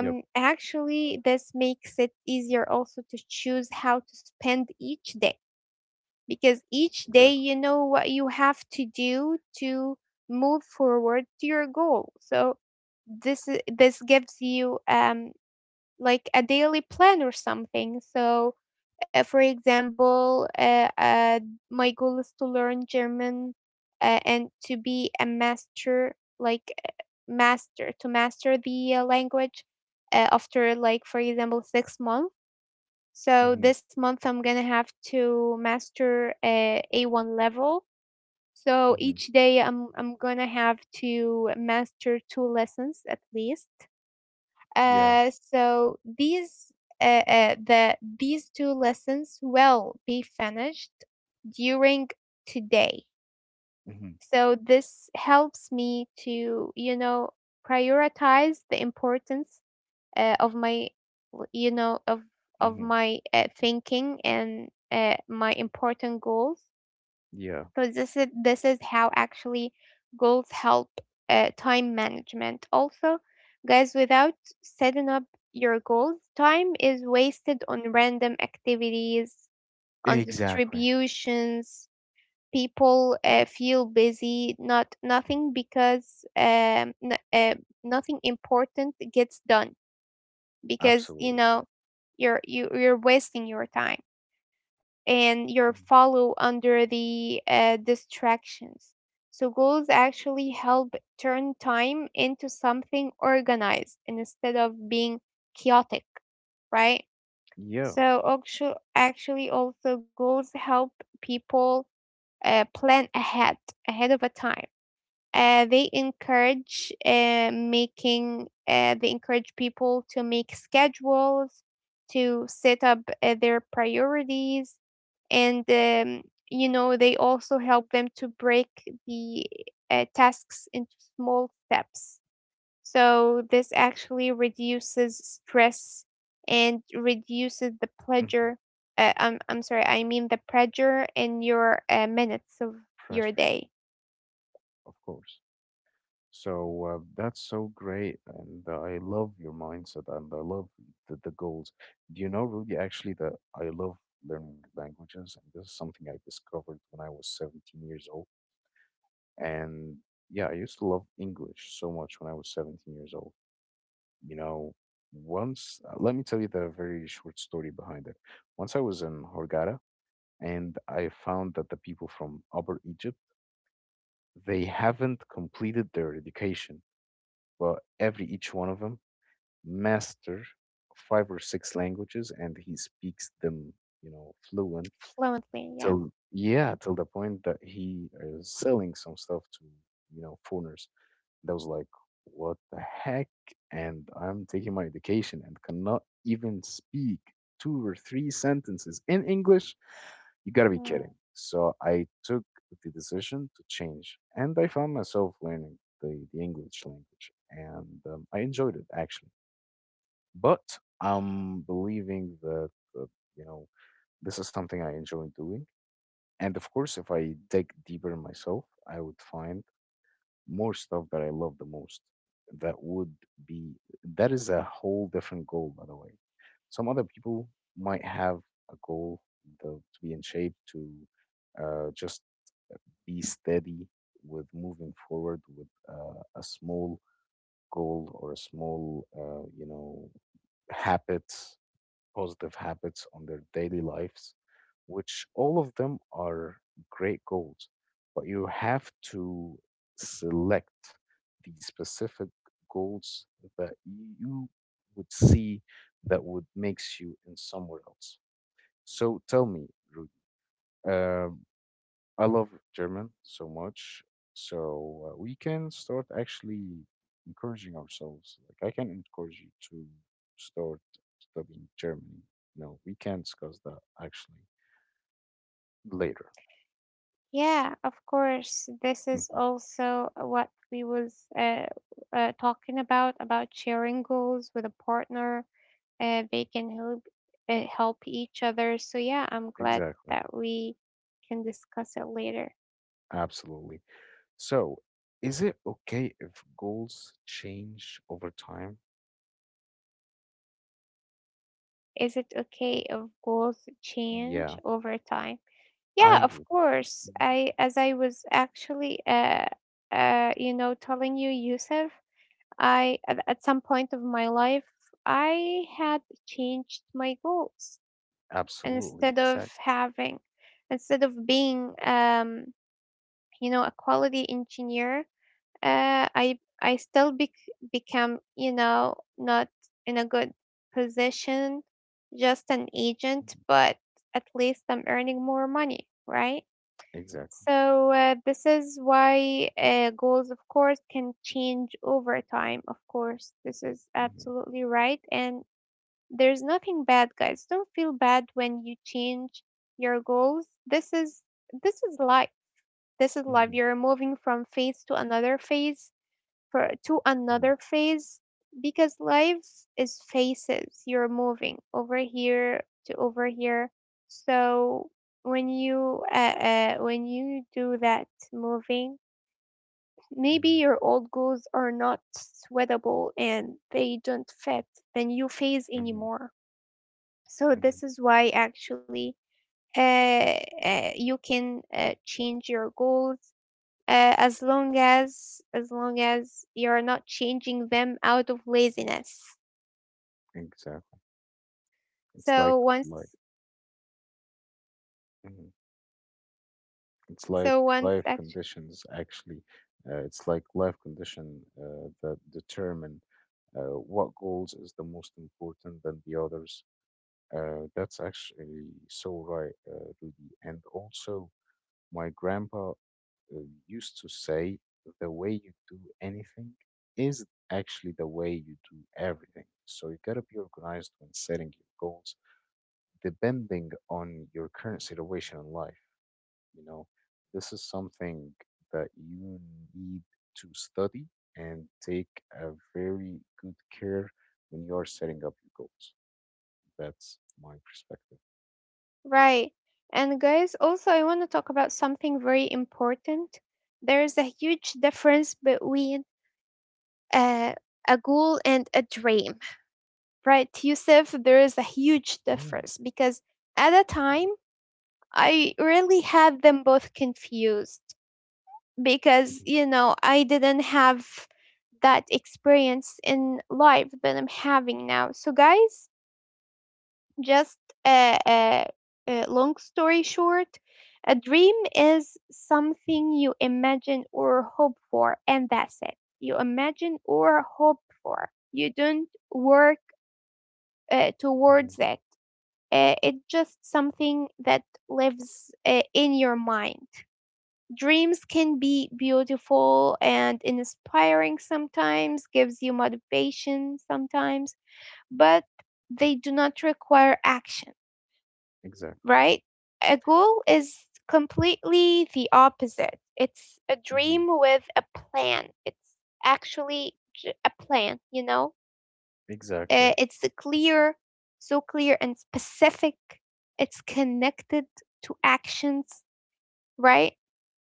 Speaker 1: Yep.
Speaker 2: Actually, this makes it easier also to choose how to spend each day, because each day
Speaker 1: Exactly.
Speaker 2: you know what you have to do to move forward to your goal. So this gives you like a daily plan or something. So, for example, my goal is to learn German and to be a master, like to master the language after, like, for example, 6 months. So,
Speaker 1: Hmm.
Speaker 2: this month I'm gonna have to master A1 level. So
Speaker 1: Hmm.
Speaker 2: each day I'm gonna have to master 2 lessons at least.
Speaker 1: Yeah.
Speaker 2: So these two lessons will be finished during today.
Speaker 1: Hmm.
Speaker 2: So this helps me to, you know, prioritize the importance of my, you know, of
Speaker 1: Hmm.
Speaker 2: my thinking and my important goals,
Speaker 1: Yeah.
Speaker 2: because this is, this is how actually goals help time management also, guys. Without setting up your goals, time is wasted on random activities, on
Speaker 1: Exactly.
Speaker 2: distributions. People feel busy not nothing, because nothing important gets done, because, you
Speaker 1: Absolutely
Speaker 2: know,
Speaker 1: correct.
Speaker 2: you're wasting your time and your
Speaker 1: Mhm.
Speaker 2: follow under the distractions. So goals actually help turn time into something organized instead of being chaotic, right?
Speaker 1: Yeah.
Speaker 2: So actually also goals help people plan ahead ahead of a time. They encourage making they encourage people to make schedules, to set up their priorities, and you know, they also help them to break the tasks into small steps. So this actually reduces stress and reduces the
Speaker 1: Hmm.
Speaker 2: pleasure, I'm sorry, I mean the pressure in your minutes of your
Speaker 1: Pressure,
Speaker 2: day.
Speaker 1: of course. So, that's so great, and I love your mindset, and I love the goals. Do you know, Rudy, actually, that I love learning languages, and this is something I discovered when I was 17 years old. And yeah, I used to love English so much when I was 17 years old. You know, once, let me tell you the very short story behind it. Once I was in Hurghada, and I found that the people from Upper Egypt, they haven't completed their education, but every each one of them master five or six languages and he speaks them, you know, fluent
Speaker 2: Fluently, yeah.
Speaker 1: till, yeah, till the point that he is selling some stuff to, you know, foreigners. That was like, what the heck? And I'm taking my education and cannot even speak two or three sentences in English. You gotta be kidding.
Speaker 2: Mm.
Speaker 1: So I took the decision to change and I found myself learning the English language and I enjoyed it actually. But I'm believing that uh, you know this is something I enjoy doing. And of course, if I dig deeper in myself, I would find more stuff that I love the most. That would be that is a whole different goal, by the way. Some other people might have a goal, to be in shape, to just be steady with moving forward with a small goal or a small, you know, habit positive habits on their daily lives, which all of them are great goals. But you have to select the specific goals that you would see that would makes you in somewhere else. So tell me, Rudy, um, I love German so much. So, we can start actually encouraging ourselves. Like I can encourage you to start studying German. No, we can discuss that actually later.
Speaker 2: Yeah, of course. This is
Speaker 1: Hmm.
Speaker 2: also what we was talking about sharing goals with a partner. They can help, help each other. So yeah, I'm glad
Speaker 1: Exactly.
Speaker 2: that we can discuss it later.
Speaker 1: Absolutely. So is it okay if goals change over time?
Speaker 2: Is it okay if goals change
Speaker 1: Yeah,
Speaker 2: over time? Yeah,
Speaker 1: I
Speaker 2: of
Speaker 1: would.
Speaker 2: course.
Speaker 1: Mhm.
Speaker 2: I as I was actually you know telling you, Yusuf, I at some point of my life I had changed my goals
Speaker 1: Absolutely.
Speaker 2: instead of
Speaker 1: Exactly.
Speaker 2: having instead of being you know a quality engineer uh, I still become you know not in a good position, just an agent,
Speaker 1: Mhm.
Speaker 2: but at least I'm earning more money, right?
Speaker 1: Exactly.
Speaker 2: So this is why goals, of course, can change over time. Of course, this is
Speaker 1: Hmm.
Speaker 2: absolutely right, and there's nothing bad, guys. Don't feel bad when you change your goals. This is life. This is life.
Speaker 1: Hmm.
Speaker 2: You're moving from phase to another phase for to another phase because life is phases. You're moving over here to over here. So when you do that moving, maybe
Speaker 1: Hmm.
Speaker 2: your old goals are not sweatable and they don't fit the new phase
Speaker 1: Hmm.
Speaker 2: anymore. So
Speaker 1: Hmm.
Speaker 2: this is why actually you can change your goals as long as you're not changing them out of laziness
Speaker 1: Exactly. It's like
Speaker 2: so once
Speaker 1: like mhm, it's
Speaker 2: so
Speaker 1: like
Speaker 2: once
Speaker 1: life
Speaker 2: actually
Speaker 1: conditions actually. It's like life condition that determine what goals is the most important than the others. That's actually so right, Rudy. And also, my grandpa used to say, the way you do anything is actually the way you do everything. So you gotta be organized when setting your goals, depending on your current situation in life. You know, this is something that you need to study and take a very good care when you are setting up your goals. That's my perspective.
Speaker 2: right, and guys, also, I want to talk about something very important. There is a huge difference between uh, a goal and a dream, right, Yusuf? There is a huge
Speaker 1: Mm.
Speaker 2: difference because at a time
Speaker 1: Mm.
Speaker 2: I really had them both confused because
Speaker 1: Mhm.
Speaker 2: I didn't have that experience in life that I'm having now. So guys, just a long story short, a dream is something you imagine or hope for, and that's it. You imagine or hope for. You don't work
Speaker 1: Mhm.
Speaker 2: towards it. It's just something that lives in your mind. Dreams can be beautiful and inspiring sometimes, gives you motivation sometimes, but they do not require action,
Speaker 1: Exactly.
Speaker 2: right? A goal is completely the opposite. It's a
Speaker 1: Mhm.
Speaker 2: dream with a plan. It's actually a plan,
Speaker 1: Exactly.
Speaker 2: It's a clear, so clear and specific. It's connected to actions, right?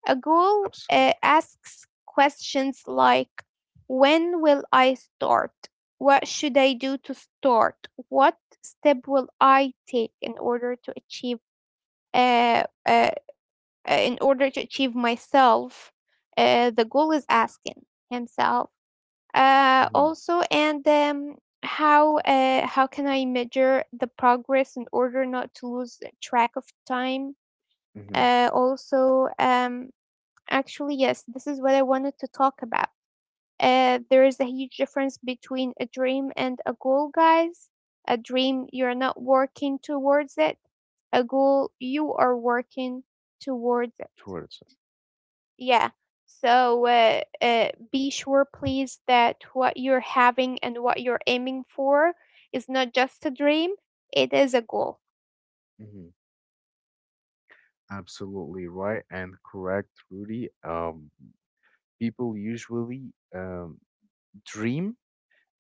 Speaker 2: A goal
Speaker 1: Absolutely.
Speaker 2: asks questions like when will I start? What should I do to start? What step will I take in order to achieve uh, uh, in order to achieve myself? The goal is asking himself.
Speaker 1: Hmm.
Speaker 2: Also, and How how can I measure the progress in order not to lose track of time?
Speaker 1: Hmm.
Speaker 2: Uh, also, um, Actually, yes, this is what I wanted to talk about. There is a huge difference between a dream and a goal, guys. A dream, you're not working towards it. A goal, you are working towards it.
Speaker 1: Towards
Speaker 2: Yeah. So be sure, please, that what you're having and what you're aiming for is not just a dream, it is a goal.
Speaker 1: it. Hmm. Absolutely right and correct, Rudy. People usually um, dream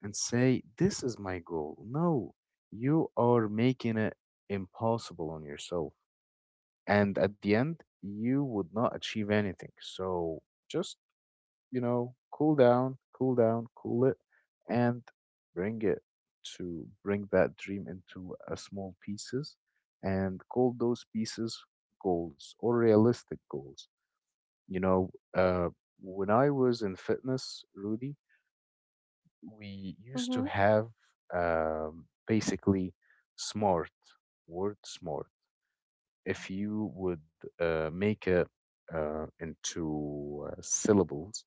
Speaker 1: and say, "This is my goal." No, you are making it impossible on yourself. And at the end, you would not achieve anything. So just, you know, cool down, cool down, cool it, and bring it to bring that dream into a small pieces and call those pieces goals or realistic goals. You know, uh, when I was in fitness, Rudy, we used to
Speaker 2: Mm-hmm.
Speaker 1: have basically smart, word smart, if you would make it into syllables.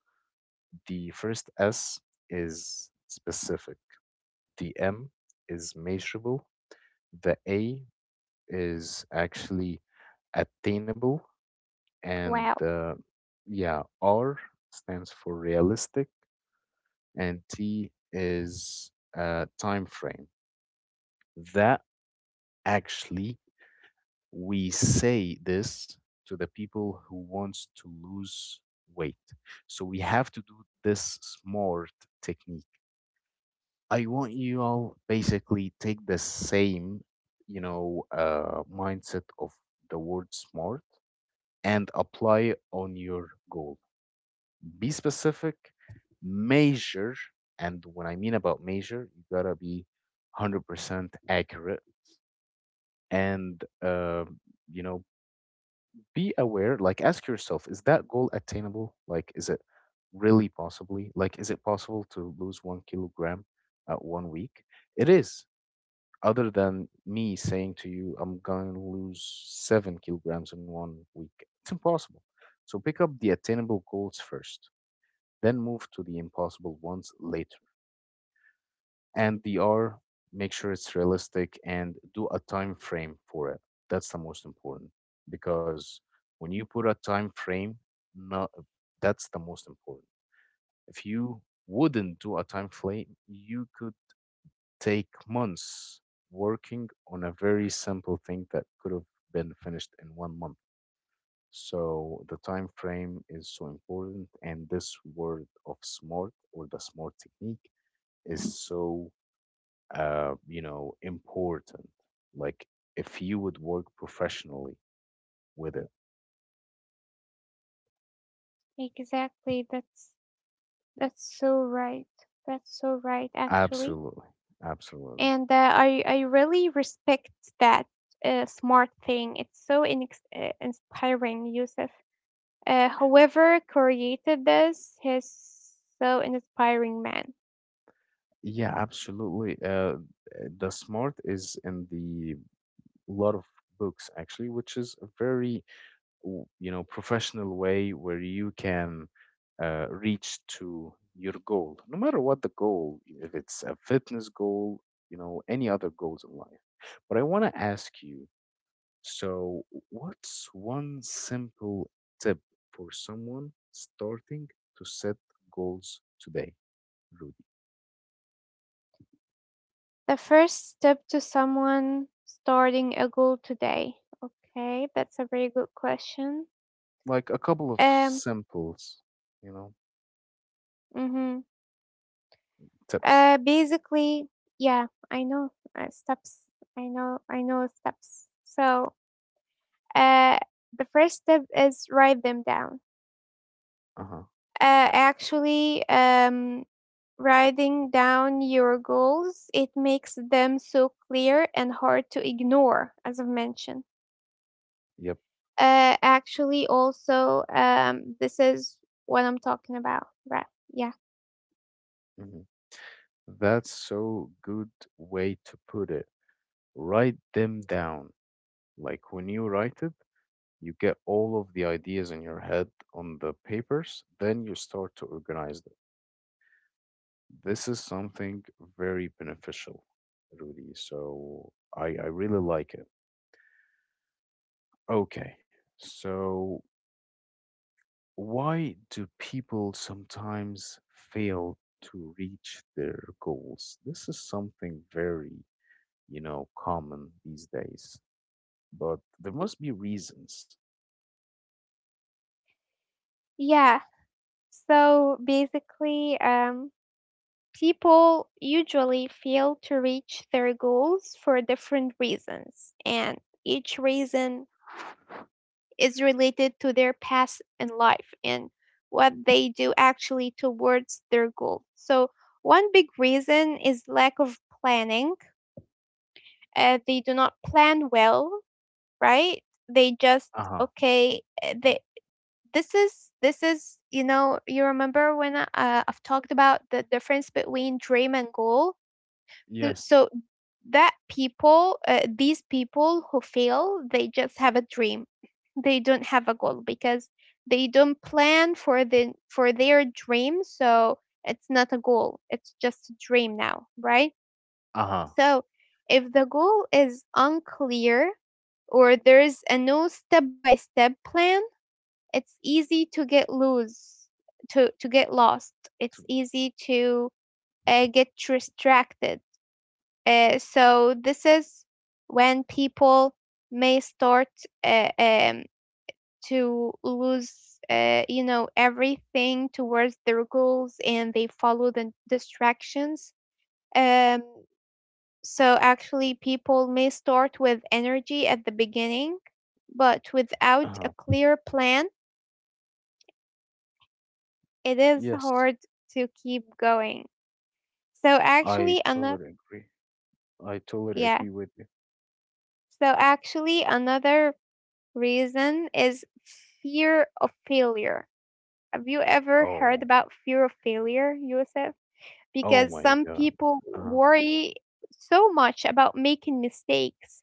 Speaker 1: The first S is specific, the M is measurable, the A is actually attainable, and
Speaker 2: Wow.
Speaker 1: yeah, R stands for realistic, and T is time frame. That Actually, we say this to the people who wants to lose weight. So we have to do this smart technique. I want you all basically take the same, you know, mindset of the word smart and apply on your goal. Be specific, measure. And when I mean about measure, you gotta be 100% accurate and you know be aware. Like, ask yourself, is that goal attainable? Like, is it really possibly, like, is it possible to lose 1 kilogram at one week? It is. Other than me saying to you, I'm going to lose 7 kilograms in one week, it's impossible. So pick up the attainable goals first, then move to the impossible ones later. And the R, make sure it's realistic and do a time frame for it. That's the most important. Because when you put a time frame. No, that's the most important. If you wouldn't do a time frame, you could take months working on a very simple thing that could have been finished in one month. So the time frame is so important, and this word of smart or the smart technique is so important. Like, if you would work professionally with it.
Speaker 2: Exactly. That's so right. That's so right, actually.
Speaker 1: Absolutely. Absolutely.
Speaker 2: And uh, I really respect that smart thing. It's so inspiring, Yusuf. Whoever created this is so inspiring, man.
Speaker 1: Yeah, absolutely. The smart is in the lot of books actually, which is a very, professional way where you can reach to your goal, no matter what the goal. If it's a fitness goal, any other goals in life. But I want to ask you. So, what's one simple tip for someone starting to set goals today, Rudy?
Speaker 2: The first step to someone starting a goal today. Okay, that's a very good question.
Speaker 1: Like a couple of
Speaker 2: Um,
Speaker 1: simples, you know,
Speaker 2: mm-hmm.
Speaker 1: tips.
Speaker 2: Basically, yeah, I know steps. I know steps. So, uh, the first step is write them down,
Speaker 1: Uh huh.
Speaker 2: actually writing down your goals, it makes them so clear and hard to ignore, as I've mentioned.
Speaker 1: Yep.
Speaker 2: Actually also This is what I'm talking about, right? Yeah,
Speaker 1: Hmm. That's so good way to put it. Write them down. Like when you write it, you get all of the ideas in your head on the papers, then you start to organize them. This is something very beneficial, Rudy. So I really like it. Okay. So why do people sometimes fail to reach their goals? This is something very, common these days, but there must be reasons.
Speaker 2: yeah. So basically people usually fail to reach their goals for different reasons, and each reason is related to their past in life and what they do actually towards their goal. So, one big reason is lack of planning. They do not plan well, right? They just
Speaker 1: Uh-huh.
Speaker 2: okay. They this is, you know, you remember when I've talked about the difference between dream and goal. So
Speaker 1: Yes.
Speaker 2: so that people these people who fail, they just have a dream, they don't have a goal because they don't plan for the for their dream, so it's not a goal, it's just a dream now, right?
Speaker 1: Uh-huh.
Speaker 2: So if the goal is unclear or there's a no step by step plan, it's easy to get loose, to get lost, it's easy to get distracted. So this is when people may start uh, um, to lose, everything towards their goals, and they follow the distractions. Um, so actually, people may start with energy at the beginning, but without
Speaker 1: Uh-huh.
Speaker 2: a clear plan, it is
Speaker 1: Yes.
Speaker 2: hard to keep going. So
Speaker 1: I
Speaker 2: actually, another
Speaker 1: totally agree. I totally agree
Speaker 2: yeah.
Speaker 1: with you.
Speaker 2: So actually, another reason is fear of failure. Have you ever heard
Speaker 1: Oh.
Speaker 2: about fear of failure, Yusuf?
Speaker 1: Oh
Speaker 2: Because
Speaker 1: my
Speaker 2: some
Speaker 1: god.
Speaker 2: people
Speaker 1: Uh-huh.
Speaker 2: worry so much about making mistakes.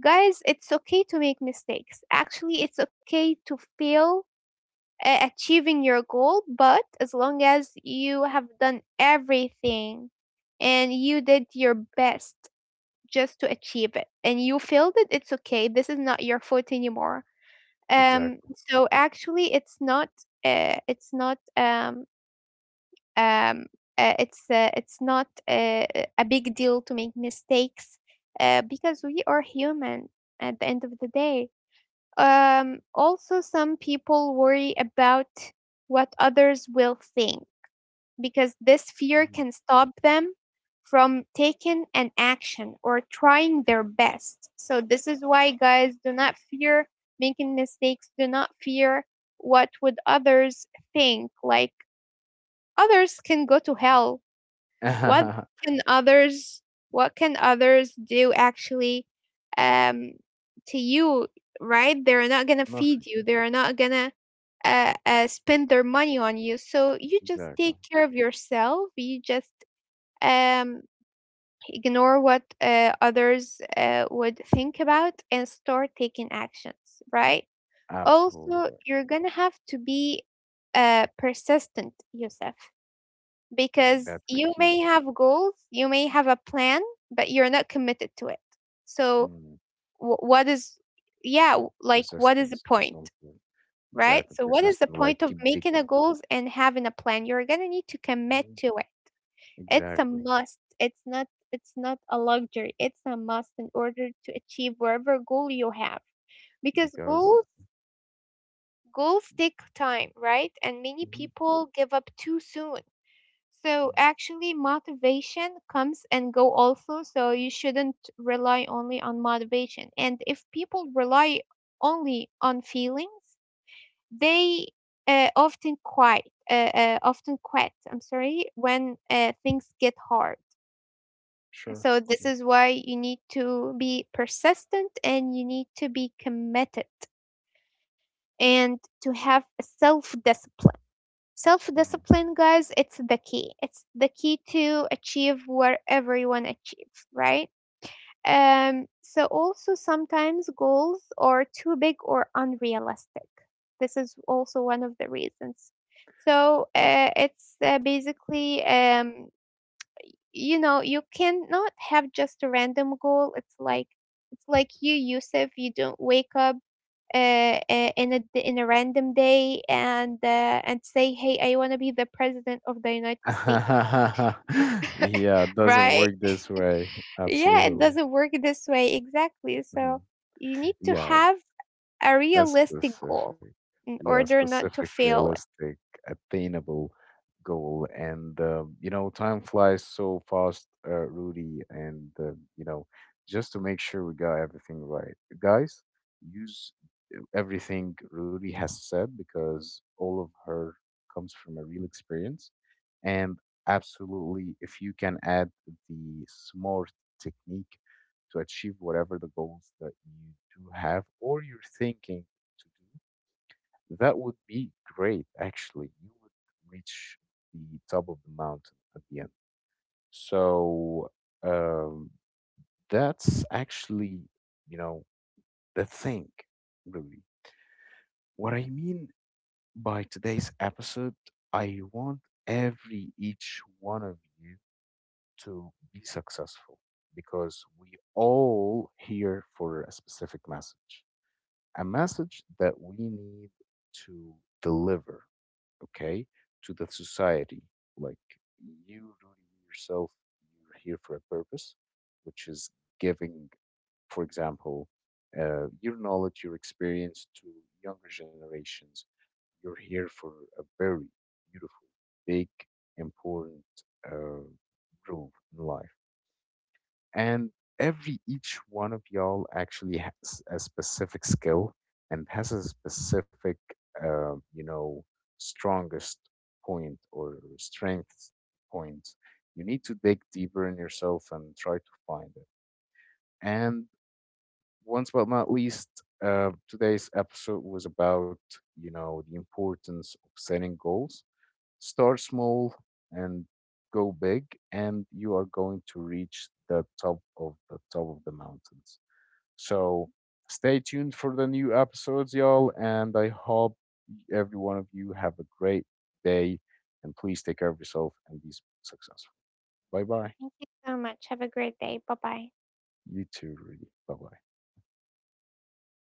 Speaker 2: Guys, it's okay to make mistakes. Actually, it's okay to fail achieving your goal, but as long as you have done everything and you did your best just to achieve it and you failed it, it's okay. This is not your fault anymore. um,
Speaker 1: Exactly.
Speaker 2: so actually, it's not. It's not. Um, it's it's not a big deal to make mistakes because we are human at the end of the day. Also, some people worry about what others will think because this fear
Speaker 1: Mhm.
Speaker 2: can stop them from taking an action or trying their best. So, this is why, guys, do not fear making mistakes, do not fear what would others think. Like, others can go to hell. What can others what can others do actually um to you, right? They're not gonna feed
Speaker 1: Nothing.
Speaker 2: you. They're not gonna spend their money on you. So you just
Speaker 1: Exactly.
Speaker 2: take care of yourself. You just um ignore what others would think about, and start taking actions, right?
Speaker 1: Absolutely
Speaker 2: Also,
Speaker 1: right.
Speaker 2: you're gonna have to be persistent, Yusuf, because
Speaker 1: That's the
Speaker 2: you
Speaker 1: key.
Speaker 2: may have goals, you may have a plan, but you're not committed to it. So,
Speaker 1: Mm.
Speaker 2: wh- what is, yeah, like what is the
Speaker 1: Persistence.
Speaker 2: point,
Speaker 1: Something.
Speaker 2: right?
Speaker 1: Exactly.
Speaker 2: So, what is the
Speaker 1: Persistent. Like
Speaker 2: point of
Speaker 1: keep
Speaker 2: making a
Speaker 1: digging.
Speaker 2: goals and having a plan? You're gonna need to commit
Speaker 1: Hmm.
Speaker 2: to it. It's a
Speaker 1: Exactly.
Speaker 2: must. It's not a luxury. It's a must in order to achieve whatever goal you have. Because
Speaker 1: Because.
Speaker 2: goals take time, right? And many
Speaker 1: Mhm,
Speaker 2: people give up too soon. So
Speaker 1: mhm.
Speaker 2: actually motivation comes and go also, so you shouldn't rely only on motivation. And if people rely only on feelings, they often quit. I'm sorry, when things get hard.
Speaker 1: Sure.
Speaker 2: So this
Speaker 1: Yeah.
Speaker 2: is why you need to be persistent and you need to be committed and to have self discipline. Self
Speaker 1: Mhm.
Speaker 2: discipline, guys, it's the key. It's the key to achieve wherever you want to achieve, right? So, also sometimes goals are too big or unrealistic. This is also one of the reasons. So, you know, you cannot have just a random goal. It's like you, Yusuf, you don't wake up in a in a random day and say, "Hey, I want to be the president of the United States."
Speaker 1: Yeah. It doesn't
Speaker 2: Right?
Speaker 1: work this way.
Speaker 2: Yeah, it
Speaker 1: Absolutely.
Speaker 2: doesn't work this way exactly. So
Speaker 1: Mhm.
Speaker 2: you need to
Speaker 1: Yeah.
Speaker 2: have a
Speaker 1: A
Speaker 2: realistic goal
Speaker 1: specific,
Speaker 2: in
Speaker 1: yeah,
Speaker 2: order not to
Speaker 1: specific,
Speaker 2: fail. It.
Speaker 1: realistic, attainable goal. And, time flies so fast, Rudy. And, you know, just to make sure we got everything right, guys, use everything Rudy has said because all of her comes from a real experience. And absolutely, if you can add the SMART technique to achieve whatever the goals that you do have or you're thinking to do, that would be great, actually. You would reach the top of the mountain at the end. So um, that's actually, you know, the thing, really. What I mean by today's episode, I want every each one of you to be successful because we all here for a specific message, a message that we need to deliver, okay, to the society. Like you, Rudy, yourself, you're here for a purpose, which is giving, for example, your knowledge, your experience to younger generations. You're here for a very beautiful, big, important uh, role in life, and every each one of y'all actually has a specific skill and has a specific uh, you know strongest point or strength point. You need to dig deeper in yourself and try to find it. And once but not least, today's episode was about the importance of setting goals. Start small and go big, and you are going to reach the top of the mountains. So stay tuned for the new episodes, y'all, and I hope every one of you have a great day. And please take care of yourself and be successful. Bye bye.
Speaker 2: Thank you so much. Have a great day. Bye bye.
Speaker 1: You too, Rudy. Bye bye.